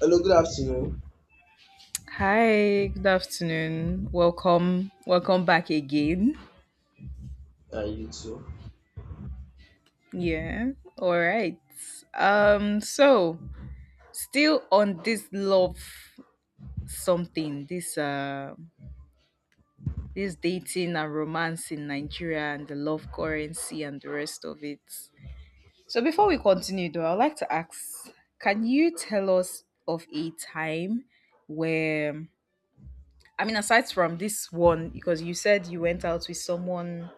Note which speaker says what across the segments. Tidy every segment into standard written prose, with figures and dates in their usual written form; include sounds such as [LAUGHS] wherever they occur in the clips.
Speaker 1: Hello, good afternoon.
Speaker 2: Hi, good afternoon. Welcome. Welcome back again.
Speaker 1: And you too.
Speaker 2: Yeah. All right. So still on this love something, this dating and romance in Nigeria and the love currency and the rest of it. So before we continue though, I'd like to ask, can you tell us of a time where I mean aside from this one because you said you went out with someone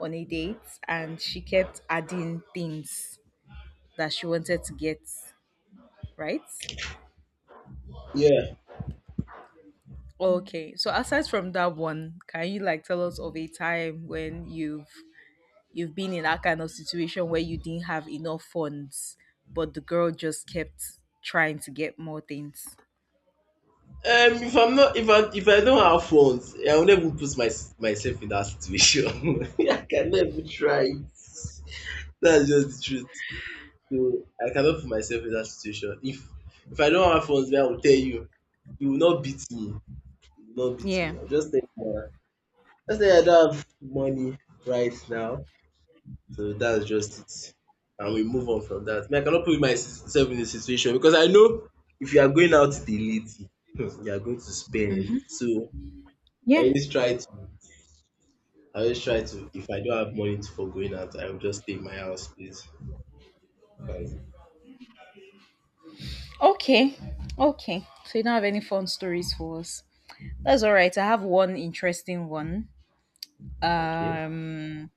Speaker 2: on a date and she kept adding things that she wanted to get, right?
Speaker 1: Yeah.
Speaker 2: Okay. So aside from that one, can you like tell us of a time when you've been in that kind of situation where you didn't have enough funds, but the girl just kept trying to get more things?
Speaker 1: If I'm not, if I don't have funds, I will never put my, myself in that situation. [LAUGHS] I can never try it. That's just the truth. So I cannot put myself in that situation. If I don't have funds, then I will tell you. You will not beat me. You will not beat
Speaker 2: Yeah.
Speaker 1: me. I'll just tell you. Just say I don't have money right now. So that's just it. And we move on from that. Me, I cannot put myself in a situation because I know if you are going out with a lady, [LAUGHS] you are going to spend. So I
Speaker 2: Yeah.
Speaker 1: always try to I always try to if I don't have money to for going out, I will just stay in my house, please. Fine.
Speaker 2: Okay. Okay. So you don't have any fun stories for us. That's all right. I have one interesting one.
Speaker 1: Okay.
Speaker 2: Um,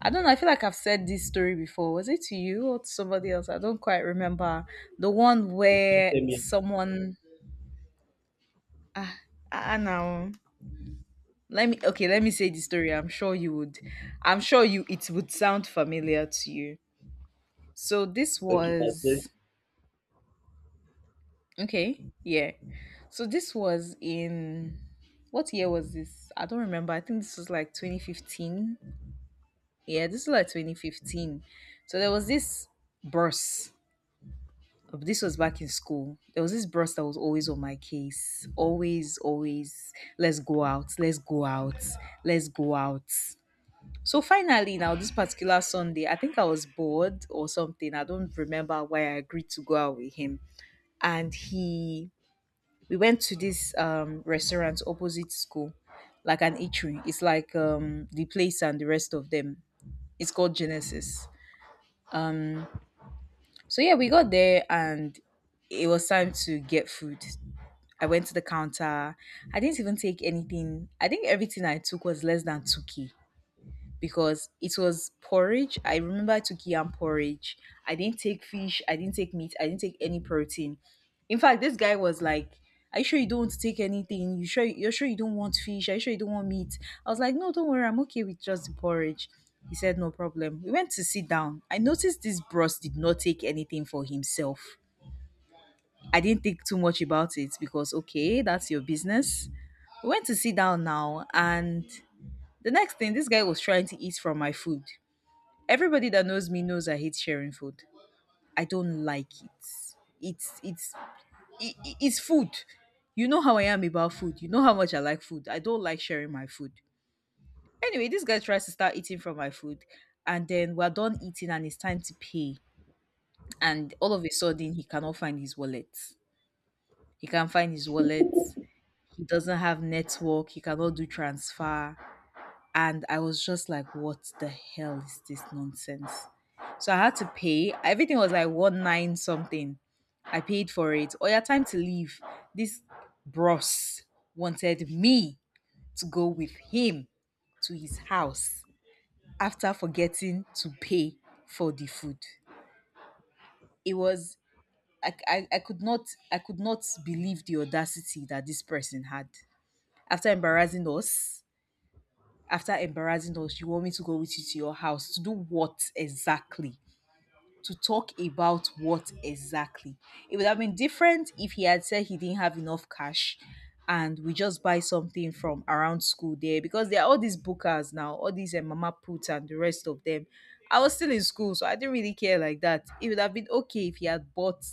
Speaker 2: I don't know. I feel like I've said this story before. Was it to you or to somebody else? I don't quite remember. The one
Speaker 1: You can't
Speaker 2: where
Speaker 1: tell me
Speaker 2: someone. Ah, ah, now. Let me. Okay, let me say the story. I'm sure you would. I'm sure you. It would sound familiar to you. So this
Speaker 1: okay, that's it.
Speaker 2: was. Okay. Yeah. So this was in. What year was this? I don't remember. I think this was like 2015. Yeah, this was like 2015. So there was this burst this was back in school. There was this bros that was always on my case. Always, always, let's go out, let's go out, let's go out. So finally, now this particular Sunday, I think I was bored or something. I don't remember why I agreed to go out with him. And he, we went to this restaurant opposite school, like an eatery. It's like the place and the rest of them. It's called Genesis. So yeah, we got there and it was time to get food. I went to the counter. I didn't even take anything. I think everything I took was less than 2k because it was porridge. I remember I took yam porridge. I didn't take fish. I didn't take meat. I didn't take any protein. In fact, this guy was like, "Are you sure you don't want to take anything? You sure you're sure you don't want fish? Are you sure you don't want meat?" I was like, "No, don't worry. I'm okay with just the porridge." He said, "No problem." We went to sit down. I noticed this bros did not take anything for himself. I didn't think too much about it because okay, that's your business. We went to sit down now, and the next thing, this guy was trying to eat from my food. Everybody that knows me knows I hate sharing food. I don't like it. It's it's it's food. You know how I am about food. You know how much I like food. I don't like sharing my food. Anyway, this guy tries to start eating from my food, and then we're done eating, and it's time to pay. And all of a sudden, he cannot find his wallet. He can't find his wallet. He doesn't have network. He cannot do transfer, and I was just like, what the hell is this nonsense? So I had to pay. Everything was like 1.9 something. I paid for it. Or your time to leave. This bros wanted me to go with him to his house after forgetting to pay for the food. It was I could not I could not believe the audacity that this person had after embarrassing us after embarrassing us, you want me to go with you to your house to do what exactly? To talk about what exactly? It would have been different if he had said he didn't have enough cash and we just buy something from around school there because there are all these bookers now, all these mama put and the rest of them. I was still in school, so I didn't really care like that. It would have been okay if he had bought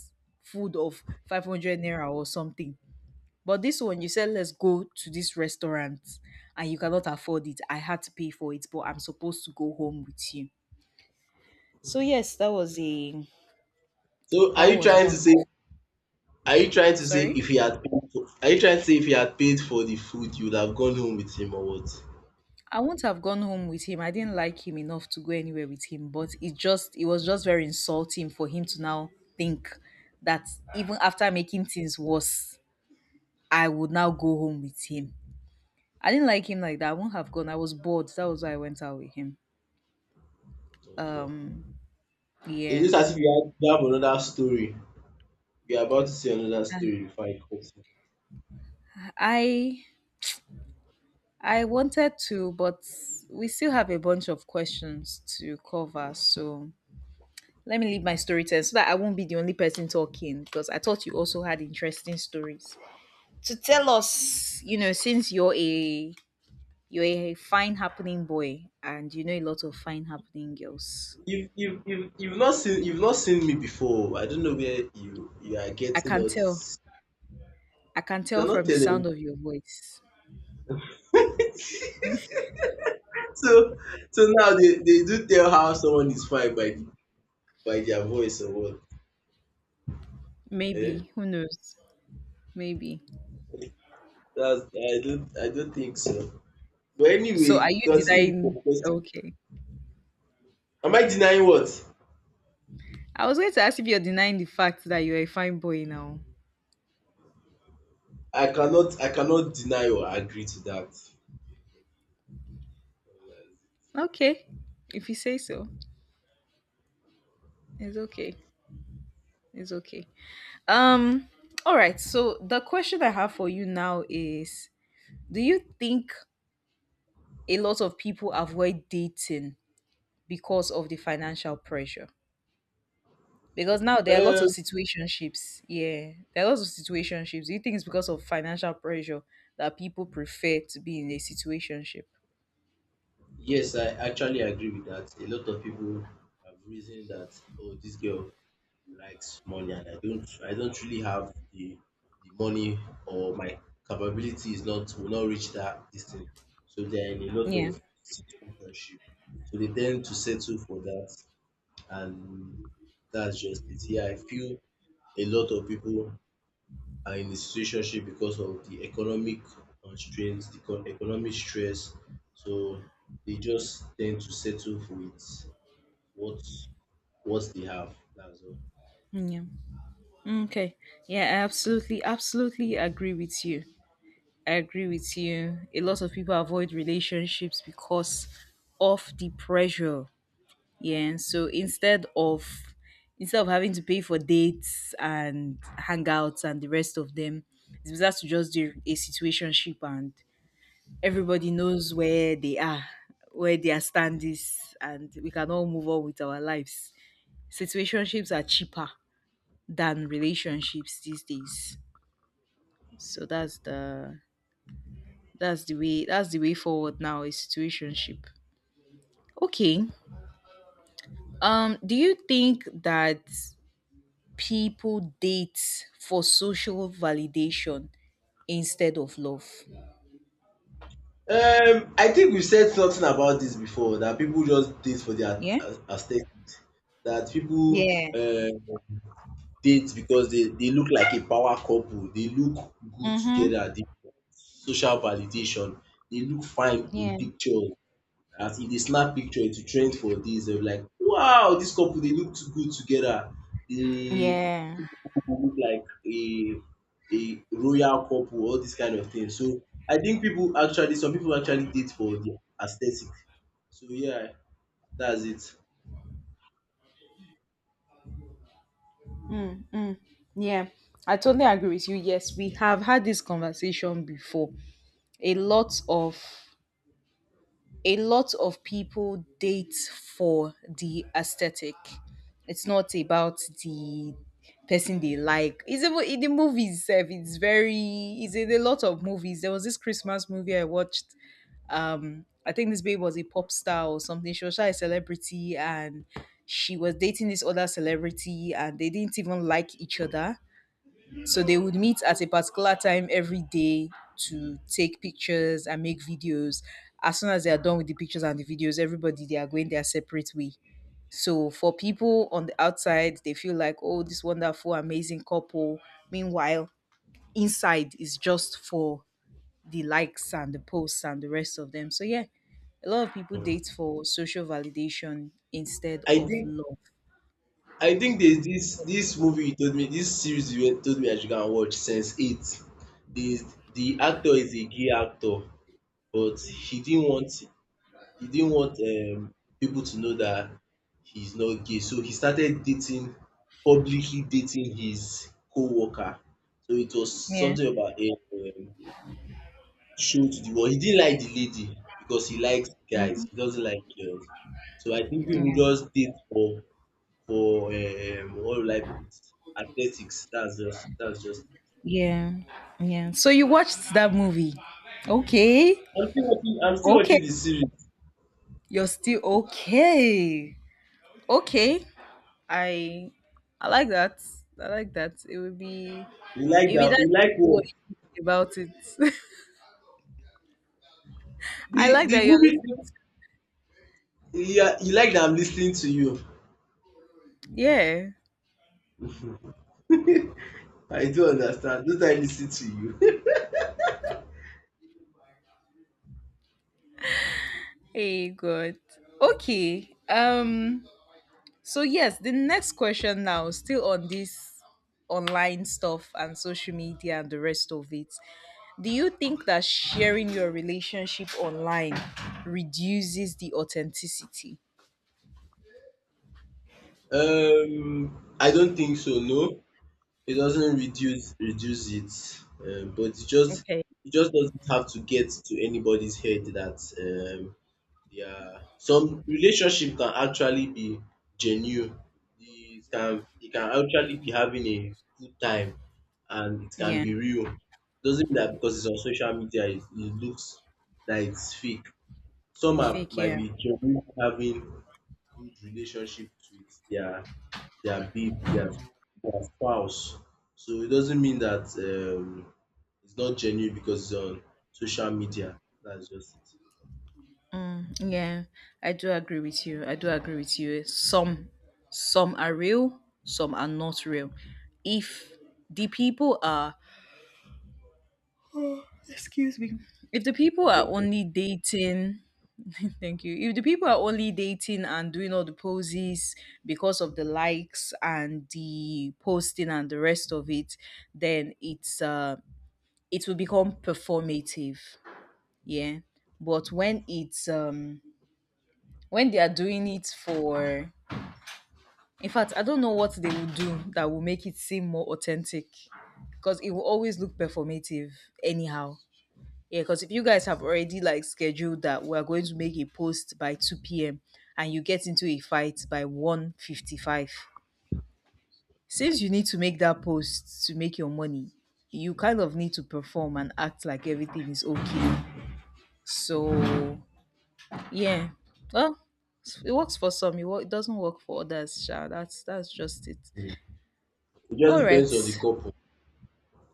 Speaker 2: food of 500 naira or something, but this one, you said, let's go to this restaurant and you cannot afford it. I had to pay for it, but I'm supposed to go home with you. So, yes, that was a,
Speaker 1: So are
Speaker 2: that
Speaker 1: you
Speaker 2: was
Speaker 1: trying
Speaker 2: one
Speaker 1: to
Speaker 2: of,
Speaker 1: say are you trying to say
Speaker 2: sorry.
Speaker 1: if he had are you trying to say if he had paid for the food you would have gone home with him or what?
Speaker 2: I wouldn't have gone home with him. I didn't like him enough to go anywhere with him, but it just, it was just very insulting for him to now think that even after making things worse, I would now go home with him. I didn't like him like that. I wouldn't have gone. I was bored. That was why I went out with him.
Speaker 1: Okay.
Speaker 2: Um, yeah.
Speaker 1: It's just as if you have, you have another story. You are about to see another story before I cut you.
Speaker 2: I I wanted to, but we still have a bunch of questions to cover. So let me leave my story time so that I won't be the only person talking because I thought you also had interesting stories. To tell us, you know, since you're a fine happening boy and you know a lot of fine happening girls.
Speaker 1: You've not seen you've not seen me before. I don't know where you are
Speaker 2: I
Speaker 1: getting
Speaker 2: can
Speaker 1: all
Speaker 2: tell.
Speaker 1: this.
Speaker 2: I can
Speaker 1: You
Speaker 2: tell
Speaker 1: cannot
Speaker 2: from the
Speaker 1: tell
Speaker 2: sound
Speaker 1: them.
Speaker 2: of your voice.
Speaker 1: So so now they do tell how someone is fine by their voice or what. Eh?
Speaker 2: Maybe. Who knows? Maybe.
Speaker 1: That's I don't think so. But
Speaker 2: So
Speaker 1: anyway,
Speaker 2: are you
Speaker 1: continue with
Speaker 2: denying
Speaker 1: your question.
Speaker 2: okay.
Speaker 1: Am I denying what?
Speaker 2: I was going to ask if you're denying the fact that you're a fine boy now.
Speaker 1: I cannot deny or agree to that.
Speaker 2: Okay. If you say so, it's okay. It's okay. Um, all right. So the question I have for you now is do you think a lot of people avoid dating because of the financial pressure? Because now there are lots
Speaker 1: Uh,
Speaker 2: of situationships. Yeah. There are lots of situationships. Do you think it's because of financial pressure that people prefer to be in a situationship?
Speaker 1: Yes I actually agree with that. A lot of people have reasoned that oh, this girl likes money, and I don't really have the money or my capability is not will not reach that distance. So they're in a lot
Speaker 2: Yeah.
Speaker 1: of situationship. So they tend to settle for that, and that's just it. Yeah, I feel a lot of people are in a situationship because of the economic constraints, the economic stress. So they just tend to settle with what what they have. That's all.
Speaker 2: Yeah. Okay. Yeah, I absolutely, absolutely agree with you. I agree with you. A lot of people avoid relationships because of the pressure. Yeah. and So instead of having to pay for dates and hangouts and the rest of them, it's better to just do a situationship and everybody knows where they are, where their stand is, and we can all move on with our lives. Situationships are cheaper than relationships these days. So that's the way that's the way forward now is situationship. Okay. Do you think that people date for social validation instead of love?
Speaker 1: I think we said something about this before that people just date for their
Speaker 2: Yeah.
Speaker 1: aesthetic. That people
Speaker 2: Yeah.
Speaker 1: date because they look like a power couple. They look good
Speaker 2: Mm-hmm.
Speaker 1: together. They social validation. They look fine in
Speaker 2: Yeah.
Speaker 1: pictures. As if dey snap picture, it will trend for days. Dem be like, "Wow! This couple they look too good together." The
Speaker 2: Yeah.
Speaker 1: two look like a royal couple, all this kind of thing. So, I think people actually some people actually date for the aesthetic. So yeah, that's it.
Speaker 2: Mm, yeah, I totally agree with you. Yes, we have had this conversation before. A lot of a lot of people date for the aesthetic. It's not about the person they like. It's even in the movies itself. It's very it's in a lot of movies. There was this Christmas movie I watched. I think this babe was a pop star or something. She was shy a celebrity and she was dating this other celebrity and they didn't even like each other, so they would meet at a particular time every day to take pictures and make videos. As soon as they are done with the pictures and the videos, everybody they are going their separate way. So for people on the outside, they feel like, oh, this wonderful, amazing couple. Meanwhile, inside is just for the likes and the posts and the rest of them. So yeah, a lot of people date for social validation instead
Speaker 1: I
Speaker 2: of
Speaker 1: think
Speaker 2: love.
Speaker 1: I think there's this movie you told me, this series you told me I should go and watch, Sense8. The the actor is a gay actor but he didn't want people to know that he's not gay. So he started dating, publicly dating his co-worker. So it was
Speaker 2: Yeah.
Speaker 1: something about a show to the world. He didn't like the lady because he likes
Speaker 2: Mhm.
Speaker 1: guys. He doesn't like girls. So I think
Speaker 2: Yeah.
Speaker 1: people just date for what will I put athletics. That's just.
Speaker 2: Yeah. Yeah. So you watched that movie. Okay.
Speaker 1: I'm still watching. I'm still
Speaker 2: Okay.
Speaker 1: watching the series.
Speaker 2: You're still okay. Okay. I I like that. I like that.
Speaker 1: He
Speaker 2: It
Speaker 1: like
Speaker 2: would be
Speaker 1: that.
Speaker 2: nice
Speaker 1: He like
Speaker 2: to know what
Speaker 1: what?
Speaker 2: you think about it. [LAUGHS] I like
Speaker 1: The
Speaker 2: that you're
Speaker 1: movie.
Speaker 2: listening to.
Speaker 1: Yeah, he like that. I'm listening to you.
Speaker 2: Yeah.
Speaker 1: I do understand. Don't I listen to you? [LAUGHS]
Speaker 2: Hey good. Okay. Um, so yes, the next question now, still on this online stuff and social media and the rest of it. Do you think that sharing your relationship online reduces the authenticity?
Speaker 1: I don't think so. No, it doesn't reduce it, but
Speaker 2: Okay.
Speaker 1: it just doesn't have to get to anybody's head that yeah, some relationship can actually be genuine. It can actually be having a good time, and it can
Speaker 2: Yeah.
Speaker 1: be real. Doesn't mean that because it's on social media, it looks that it's fake. Some are,
Speaker 2: Fake,
Speaker 1: might
Speaker 2: yeah.
Speaker 1: be genuine having good relationship with their babe, their spouse. So it doesn't mean that um, it's not genuine because it's on social media. That's just it.
Speaker 2: Yeah. I do agree with you. I do agree with you. Some are real, some are not real. If the people are excuse me. If the people are
Speaker 1: No problem.
Speaker 2: only dating [LAUGHS] thank you. If the people are only dating and doing all the poses because of the likes and the posting and the rest of it, then it's it will become performative. Yeah. But when it's when they are doing it for in fact, I don't know what they will do that will make it seem more authentic because it will always look performative anyhow. Yeah, because if you guys have already like scheduled that we're going to make a post by 2 p.m. and you get into a fight by 1:55, since you need to make that post to make your money, you kind of need to perform and act like everything is okay. So yeah. Well, it works for some, it doesn't work for others, sha. That's just it.
Speaker 1: It just
Speaker 2: All right.
Speaker 1: depends on the couple.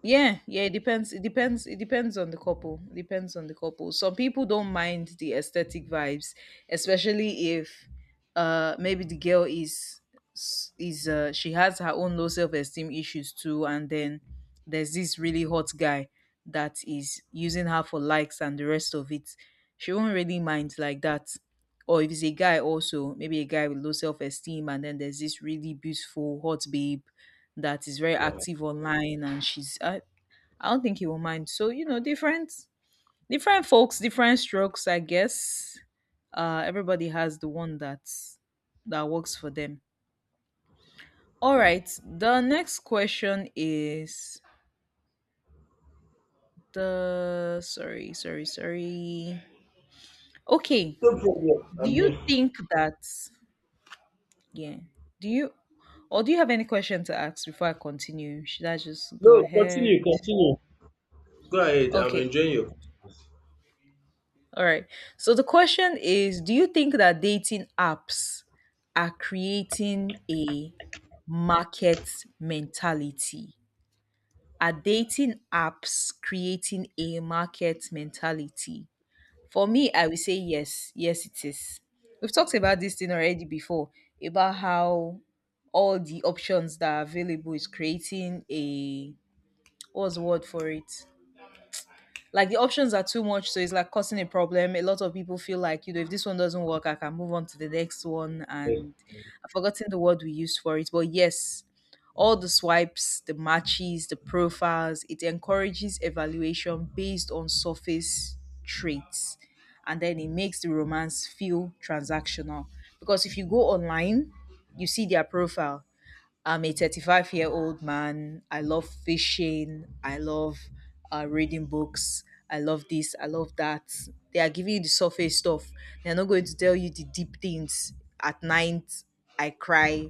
Speaker 2: Yeah, yeah, it depends. It depends. It depends on the couple. It depends on the couple. Some people don't mind the aesthetic vibes, especially if maybe the girl is she has her own low self-esteem issues too, and then there's this really hot guy that is using her for likes and the rest of it. She won't really mind like that. Or if it's a guy also, maybe a guy with low self-esteem and then there's this really beautiful hot babe that is very
Speaker 1: Yeah.
Speaker 2: active online and she's I don't think he will mind. So different folks, different strokes, I guess. Everybody has the one that's that works for them. All right. The next question is the sorry, sorry, sorry. Okay.
Speaker 1: No problem.
Speaker 2: Do
Speaker 1: I'm
Speaker 2: you
Speaker 1: here.
Speaker 2: think that, yeah? Do you Or do you have any question to ask before I continue? Should I just go
Speaker 1: No,
Speaker 2: ahead?
Speaker 1: continue, continue. Go ahead. I'm
Speaker 2: Okay.
Speaker 1: enjoying your questions.
Speaker 2: All right. So the question is: do you think that dating apps are creating a market mentality? Are dating apps creating a market mentality? For me, I would say yes. Yes, it is. We've talked about this thing already before, about how all the options that are available is creating a, what's the word for it? Like the options are too much, so it's like causing a problem. A lot of people feel like, you know, if this one doesn't work, I can move on to the next one.
Speaker 1: Yes.
Speaker 2: And I've forgotten the word we used for it, but yes, all the swipes, the matches, the profiles, it encourages evaluation based on surface traits, and then it makes the romance feel transactional. Because if you go online, you see their profile: I'm a 35-year-old man. I love fishing. I love reading books. I love this. I love that. They are giving you the surface stuff. They're not going to tell you the deep things. At night, I cry,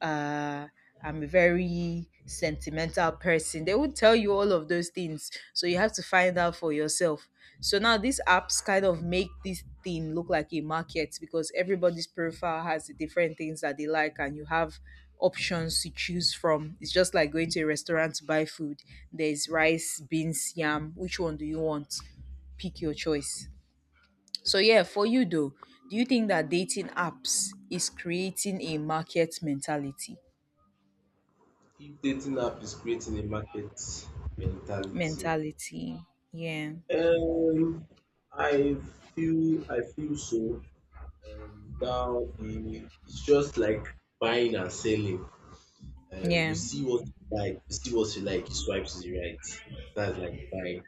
Speaker 2: uh, I'm a very sentimental person. They would tell you all of those things. So you have to find out for yourself. So now these apps kind of make this thing look like a market, because everybody's profile has the different things that they like and you have options to choose from. It's just like going to a restaurant to buy food. There's rice, beans, yam. Which one do you want? Pick your choice. So yeah, for you though, do you think that dating apps is creating a market mentality?
Speaker 1: If dating app is creating a market mentality,
Speaker 2: Mentality. Yeah.
Speaker 1: um, I feel I feel so. Now we it's just like buying and selling. Uh, you
Speaker 2: Yeah.
Speaker 1: see what you see what you like, you swipe to the right. That's like buying.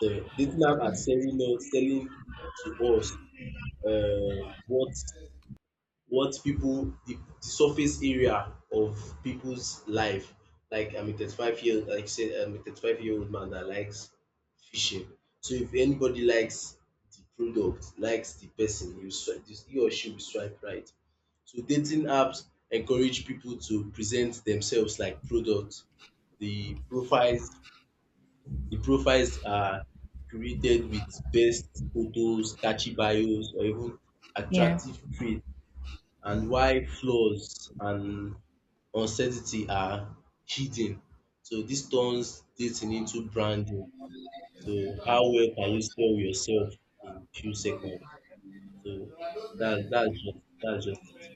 Speaker 1: So dating now are selling us, selling to us uh, what what people the surface area of people's life. Like I'm a 35-year-old man that likes fishing. So if anybody likes the product, likes the person, you swipe he or she will swipe right. So dating apps encourage people to present themselves like products. The profiles the profiles are created with best photos, catchy bios or even
Speaker 2: Yeah.
Speaker 1: attractive traits and why flaws and uncertainty are hidden. So this turns dating into branding. So how well can you sell yourself in few seconds? So that's just it.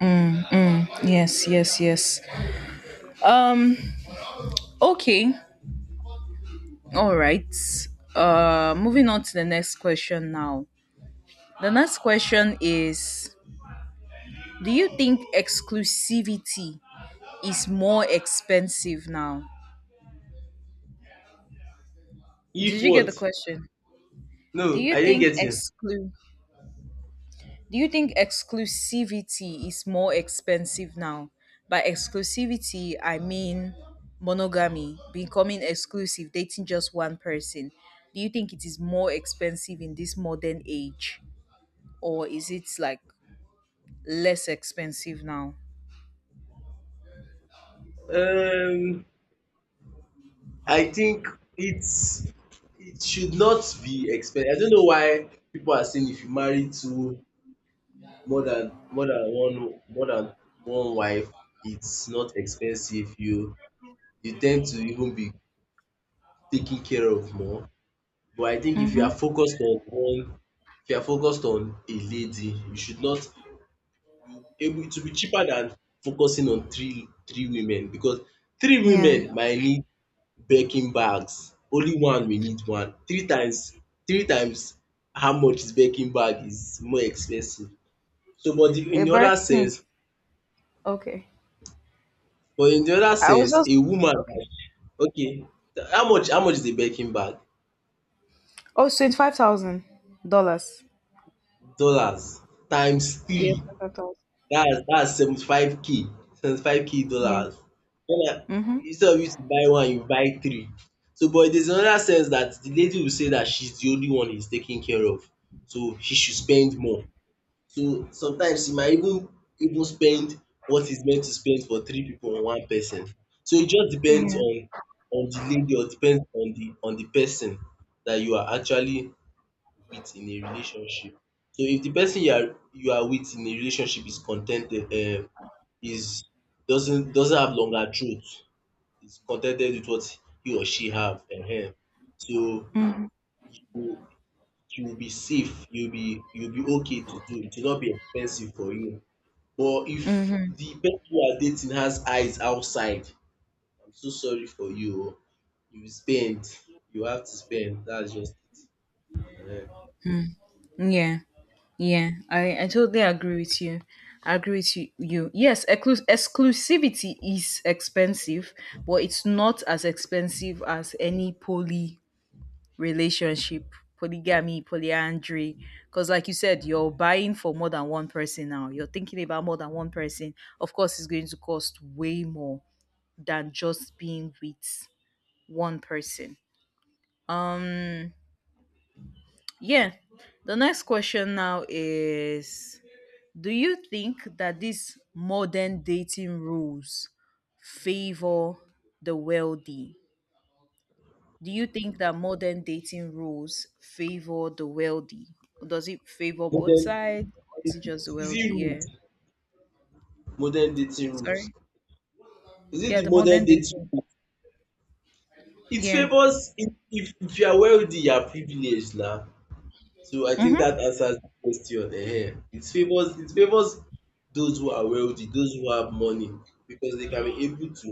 Speaker 2: Mm, mm. Yes, yes, yes. Um okay. All right. Moving on to the next question now. The next question is: do you think exclusivity is more expensive now? Did
Speaker 1: If
Speaker 2: you get the
Speaker 1: what?
Speaker 2: question? Do
Speaker 1: No,
Speaker 2: you
Speaker 1: I didn't
Speaker 2: think
Speaker 1: get you.
Speaker 2: exclu Do you think exclusivity is more expensive now? By exclusivity, I mean monogamy, becoming exclusive, dating just one person. Do you think it is more expensive in this modern age, or is it like less expensive now?
Speaker 1: Um, I think it's it should not be expensive. I don't know why people are saying if you marry two more than one wife, it's not expensive. You tend to even be taken care of more. But I think if you
Speaker 2: Mm-hmm.
Speaker 1: are focused on one, if you are focused on a lady, you should not you able to be cheaper than focusing on three women because three
Speaker 2: Yeah.
Speaker 1: women might need baking bags. Only one will need one. Three times how much is baking bag is more expensive. So but the,
Speaker 2: A
Speaker 1: in the other
Speaker 2: Birkin is
Speaker 1: sense,
Speaker 2: okay.
Speaker 1: but in the other
Speaker 2: I was
Speaker 1: sense,
Speaker 2: just
Speaker 1: a woman
Speaker 2: okay.
Speaker 1: that okay, how much is a Birkin bag?
Speaker 2: Oh, $25,000.
Speaker 1: Dollars times
Speaker 2: Yeah,
Speaker 1: three.
Speaker 2: 25,000.
Speaker 1: That's 75K K. 75K K
Speaker 2: Yeah.
Speaker 1: dollars. When I
Speaker 2: Mm-hmm.
Speaker 1: instead of you to buy one, you buy three. So but there's another sense that the lady will say that she's the only one he's taking care of. So she should spend more. So sometimes you might even spend what is meant to spend for three people on one person. So it just depends on the lady or depends on the person that you are actually with in a relationship. So if the person you are with in a relationship is contented is doesn't have longer truth, is contented with what he or she have so you you will be okay to do it will not be expensive for you but if
Speaker 2: Mm-hmm.
Speaker 1: the person you are dating has eyes outside, I'm so sorry for you o. You spend. You have to spend. That's just it.
Speaker 2: Yeah, yeah, I totally agree with you. I agree with you. Yes, exclu- exclusivity is expensive, but it's not as expensive as any poly relationship, polygamy, polyandry. Because, like you said, you're buying for more than one person now. You're thinking about more than one person. Of course, it's going to cost way more than just being with one person. Um, yeah. The next question now is: do you think that these modern dating rules favor the wealthy? Do you think that modern dating rules favor the wealthy? Does it
Speaker 1: Ehen.
Speaker 2: favor both
Speaker 1: Modern
Speaker 2: sides, or is
Speaker 1: is
Speaker 2: it
Speaker 1: it
Speaker 2: just the
Speaker 1: is
Speaker 2: wealthy?
Speaker 1: it rude?
Speaker 2: Yeah.
Speaker 1: Modern dating rules.
Speaker 2: Sorry?
Speaker 1: Is it
Speaker 2: Yeah, the
Speaker 1: the modern
Speaker 2: modern
Speaker 1: dating
Speaker 2: dating.
Speaker 1: rules? It
Speaker 2: Yeah.
Speaker 1: favours if if you are wealthy you are privileged na. So I think that
Speaker 2: Mm-hmm.
Speaker 1: answers the question ehen. It favours those who are wealthy, those who have money because they can be able to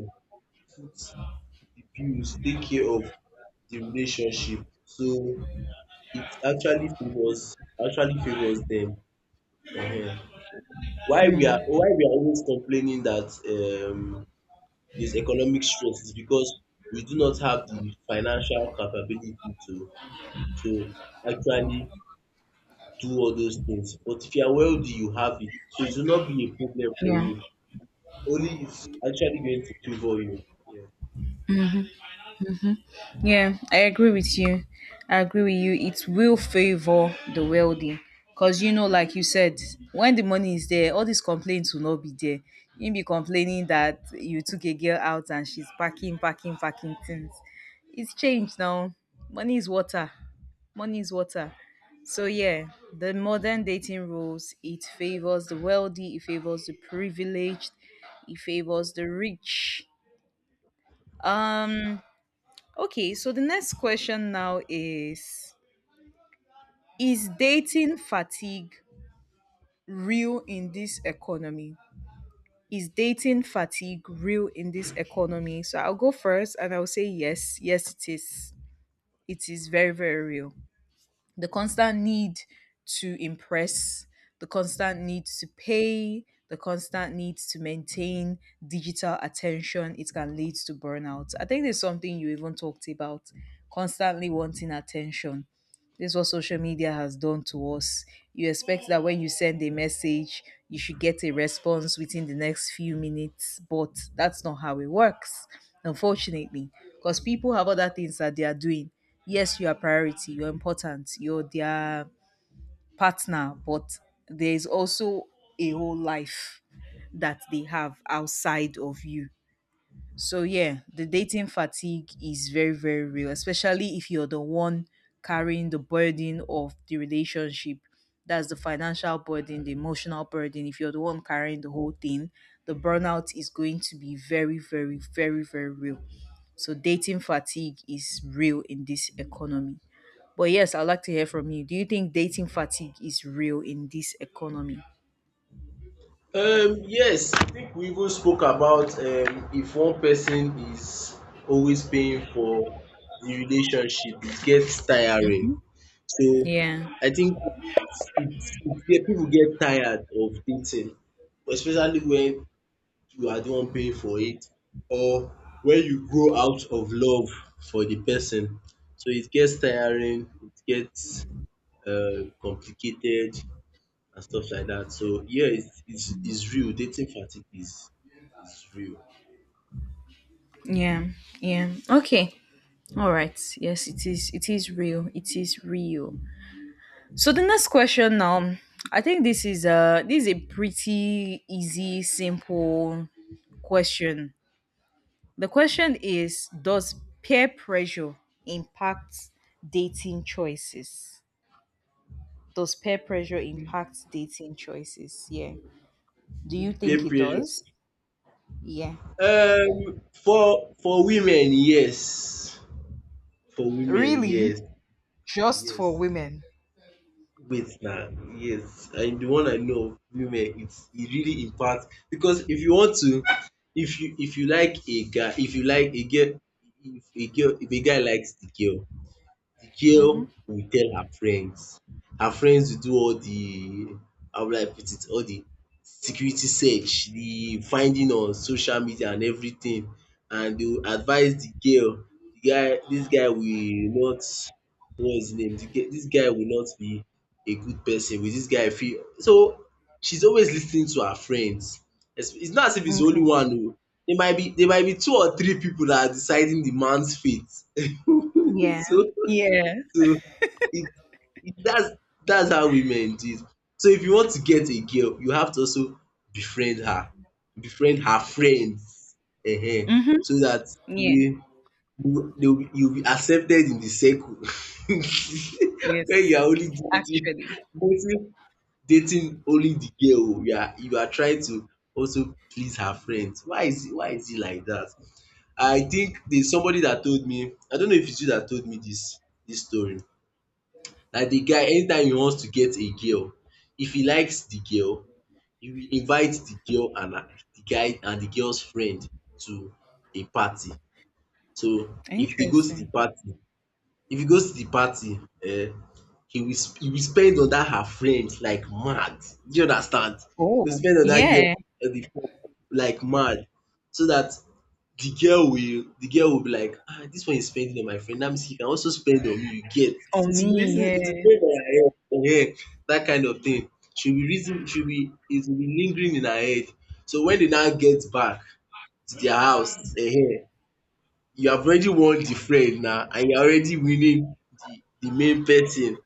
Speaker 1: put the bills, take care of the relationship. So it actually favours them. um. Why we are always complaining that um there's economic stress is because we do not have the financial capability to to actually do all those things. But if you are wealthy, you have it. So it will not be a problem for
Speaker 2: Yeah.
Speaker 1: you. Only it's actually going to favour you. Yeah.
Speaker 2: Yeah, I agree with you. I agree with you. It will favor the wealthy. Because, you know, like you said, when the money is there, all these complaints will not be there. You'll be complaining that you took a girl out and she's packing, packing, packing things. It's changed now. Money is water. Money is water. So, yeah, the modern dating rules, it favors the wealthy, it favors the privileged, it favors the rich. Um, Okay, so the next question now is: is dating fatigue real in this economy? Is dating fatigue real in this economy? So I'll go first and I'll say yes. Yes, it is. It is very, very real. The constant need to impress, the constant need to pay, the constant need to maintain digital attention, it can lead to burnout. I think there's something you even talked about, constantly wanting attention. This is what social media has done to us. You expect that when you send a message, you should get a response within the next few minutes, but that's not how it works, unfortunately, because people have other things that they are doing. Yes, you are priority, you're important, you're their partner, but there is also a whole life that they have outside of you. So yeah, the dating fatigue is very very real, especially if you're the one carrying the burden of the relationship. That's the financial burden, the emotional burden. If you're the one carrying the whole thing, the burnout is going to be very very very very real. So dating fatigue is real in this economy. But yes, I'd like to hear from you. Do you think dating fatigue is real in this economy?
Speaker 1: Yes, I think we even spoke about if one person is always paying for the relationship, it gets tiring. So
Speaker 2: Yeah,
Speaker 1: I think it's, it's, yeah, people get tired of dating, especially when you are the one paying for it or when you grow out of love for the person. So it gets tiring, it gets complicated, and stuff like that. So yeah, it's real. Dating fatigue is real.
Speaker 2: yeah, yeah. Okay. All right. Yes, it is. It is real. It is real. So the next question now, I think this is a pretty easy, simple question. The question is: does peer pressure impact dating choices? Does peer pressure impact dating choices? Yeah. Do you think
Speaker 1: Peer
Speaker 2: it
Speaker 1: pressure.
Speaker 2: does? Yeah.
Speaker 1: For for women, yes. For women,
Speaker 2: Really?
Speaker 1: yes,
Speaker 2: Just for
Speaker 1: yes.
Speaker 2: women?
Speaker 1: Wait now, yes. And the one I know of women, it's it really impacts because if you like a guy, if you like a girl, if a guy likes the girl, the
Speaker 2: Mm-hmm.
Speaker 1: girl will tell her friends. Her friends will do all the how will I put it all the security search, the finding on social media and everything and they will advise the girl the guy this guy will not what is his name the guy dis guy will not be a good person with this guy fit so she's always listening to her friends. It's not as if it's only
Speaker 2: Okay.
Speaker 1: one oo there might be two or three people that are deciding the man's fate [LAUGHS]
Speaker 2: Yeah.
Speaker 1: so
Speaker 2: Yeah.
Speaker 1: so it it that's how women do it. So if you want to get a girl, you have to also befriend her, befriend her friends
Speaker 2: Mm-hmm.
Speaker 1: so that
Speaker 2: Yeah.
Speaker 1: you will you'll be accepted in the circle. [LAUGHS] When
Speaker 2: Yes,
Speaker 1: you are only dating
Speaker 2: actually.
Speaker 1: dating dating only the girl o, you are trying to also please her friends. Why is it like that? I think there's somebody that told me, I don't know if it's you that told me this story. Na the guy anytime he wants to get a girl if he likes the girl he will invite the girl and her the guy and the girl's friend to a party so if they go to the
Speaker 2: Interesting.
Speaker 1: party if he goes to the party um he will spend on dat her friend like mad do you understand he will
Speaker 2: Oh,
Speaker 1: spend on dat girl
Speaker 2: yeah.
Speaker 1: on the phone like mad so dat the girl will be like ah this one is spending on my friend that means he can also spend on me you get
Speaker 2: Oh, me,
Speaker 1: it's reason it's
Speaker 2: yeah.
Speaker 1: going on her head that kind of thing she will reason she will it will be lingering in her head so when they now get back to their house eh? You have already won the friend now, and you are already winning the main person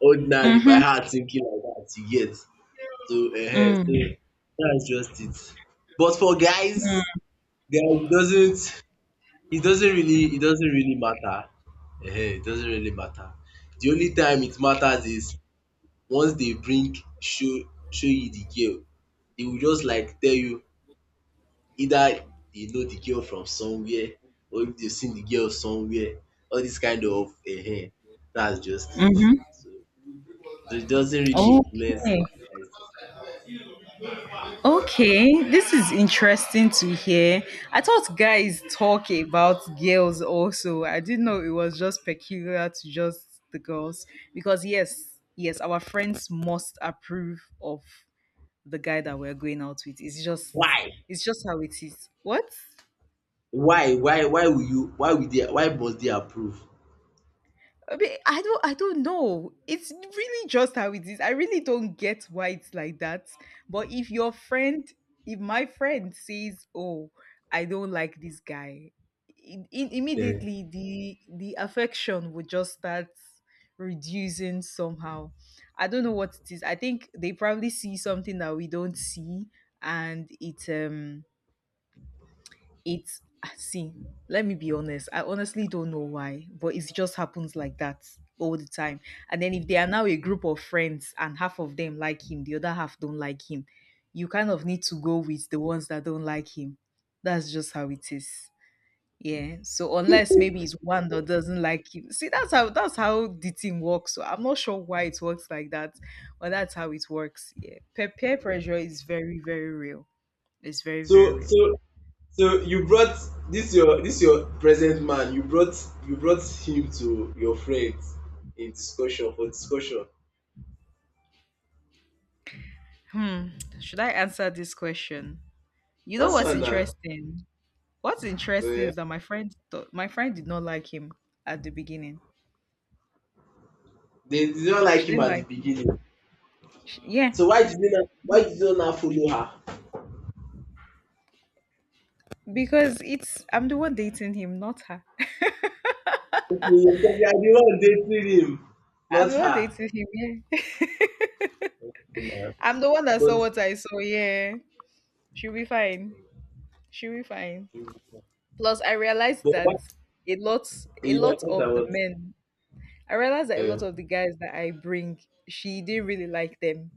Speaker 1: ordinary by
Speaker 2: Mm-hmm.
Speaker 1: her thinking like that you get so eh, so that's just it but for guys guys it doesn't really it doesn't really matter. Ehen, it doesn't really matter. The only time it matters is once they bring show you the girl, they will just like tell you either they know the girl from somewhere or if they've seen the girl somewhere. All this kind of eh. That's just it.
Speaker 2: Mm-hmm.
Speaker 1: So so it doesn't really influence
Speaker 2: Okay.
Speaker 1: any decision. Um,
Speaker 2: Okay. This is interesting to hear. I thought guys talk about girls also. I didn't know it was just peculiar to just the girls. Because yes, yes, our friends must approve of the guy that we're going out with. It's just
Speaker 1: Why?
Speaker 2: how it is. What?
Speaker 1: Why will you? Why will they? Why must they approve?
Speaker 2: I mean, I don't know. It's really just how it is. I really don't get why it's like that. But if your friend, if my friend says, "Oh, I don't like this guy,"
Speaker 1: Ehen.
Speaker 2: immediately the affection would just start reducing somehow. I don't know what it is. I think they probably see something that we don't see, and it's see, let me be honest. I honestly don't know why, but it just happens like that all the time. And then if they are now a group of friends and half of them like him, the other half don't like him, you kind of need to go with the ones that don't like him. That's just how it is. Yeah. So unless maybe it's one that doesn't like him. See, that's how the team works. So I'm not sure why it works like that, but that's how it works. Yeah. Peer pressure is very, very real. It's very, very
Speaker 1: So
Speaker 2: real.
Speaker 1: so so you brought this your present man, you brought him to your friends in discussion for discussion.
Speaker 2: Hmm. Should I answer this question? You know what's
Speaker 1: Answer na.
Speaker 2: interesting? What's interesting
Speaker 1: Eh,
Speaker 2: is that my friend did not like him at the beginning.
Speaker 1: they did not like
Speaker 2: She
Speaker 1: him
Speaker 2: didn't
Speaker 1: at the
Speaker 2: like him.
Speaker 1: beginning.
Speaker 2: Yeah,
Speaker 1: Why did you not follow her?
Speaker 2: because it's I'm the one dating him, not her.
Speaker 1: Okay, because you are the one dating him,
Speaker 2: [LAUGHS] I'm
Speaker 1: not
Speaker 2: the one
Speaker 1: her.
Speaker 2: dating him. Yeah, [LAUGHS]
Speaker 1: Okay, na.
Speaker 2: I'm the one that
Speaker 1: But
Speaker 2: saw what I saw. Yeah, she'll be fine. She'll be fine. Plus, I realized
Speaker 1: but why
Speaker 2: that a lot, a
Speaker 1: yeah,
Speaker 2: lot
Speaker 1: I
Speaker 2: of the
Speaker 1: about
Speaker 2: men. I realized that a
Speaker 1: Yeah,
Speaker 2: lot of the guys that I bring, she didn't really like them.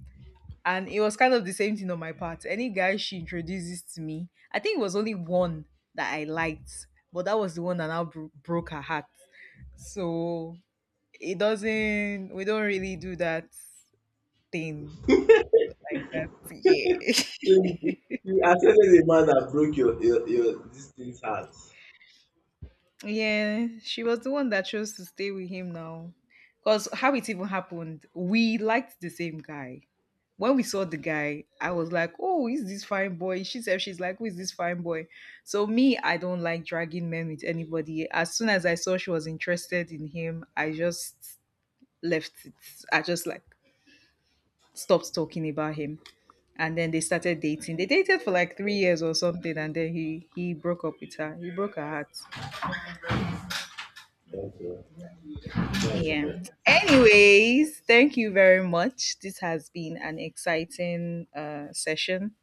Speaker 2: And it was kind of the same thing on my part. Any guy she introduces to me, I think it was only one that I liked, but that was the one that now broke her heart. So it doesn't, we don't really do that thing like that. Yeah. [LAUGHS]
Speaker 1: you accepted a man that broke your this thing's heart.
Speaker 2: Yeah, she was the one that chose to stay with him now. Because how it even happened, we liked the same guy. When we saw the guy, I was like, "Oh, is this fine boy?" She said, "She's like, who is this fine boy?" So me, I don't like dragging men with anybody. As soon as I saw she was interested in him, I just left it. I just like stopped talking about him, and then they started dating. They dated for like 3 years or something, and then he broke up with her. He broke her heart.
Speaker 1: Okay, that's nice.
Speaker 2: Yeah. Anyways, thank you very much. This has been an exciting session.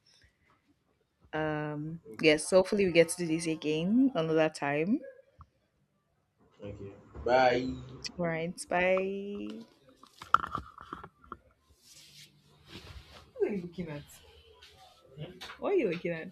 Speaker 2: Yes, hopefully we get to do this again another time.
Speaker 1: Thank you. Bye.
Speaker 2: All right, bye. What are you looking at? What are you looking at?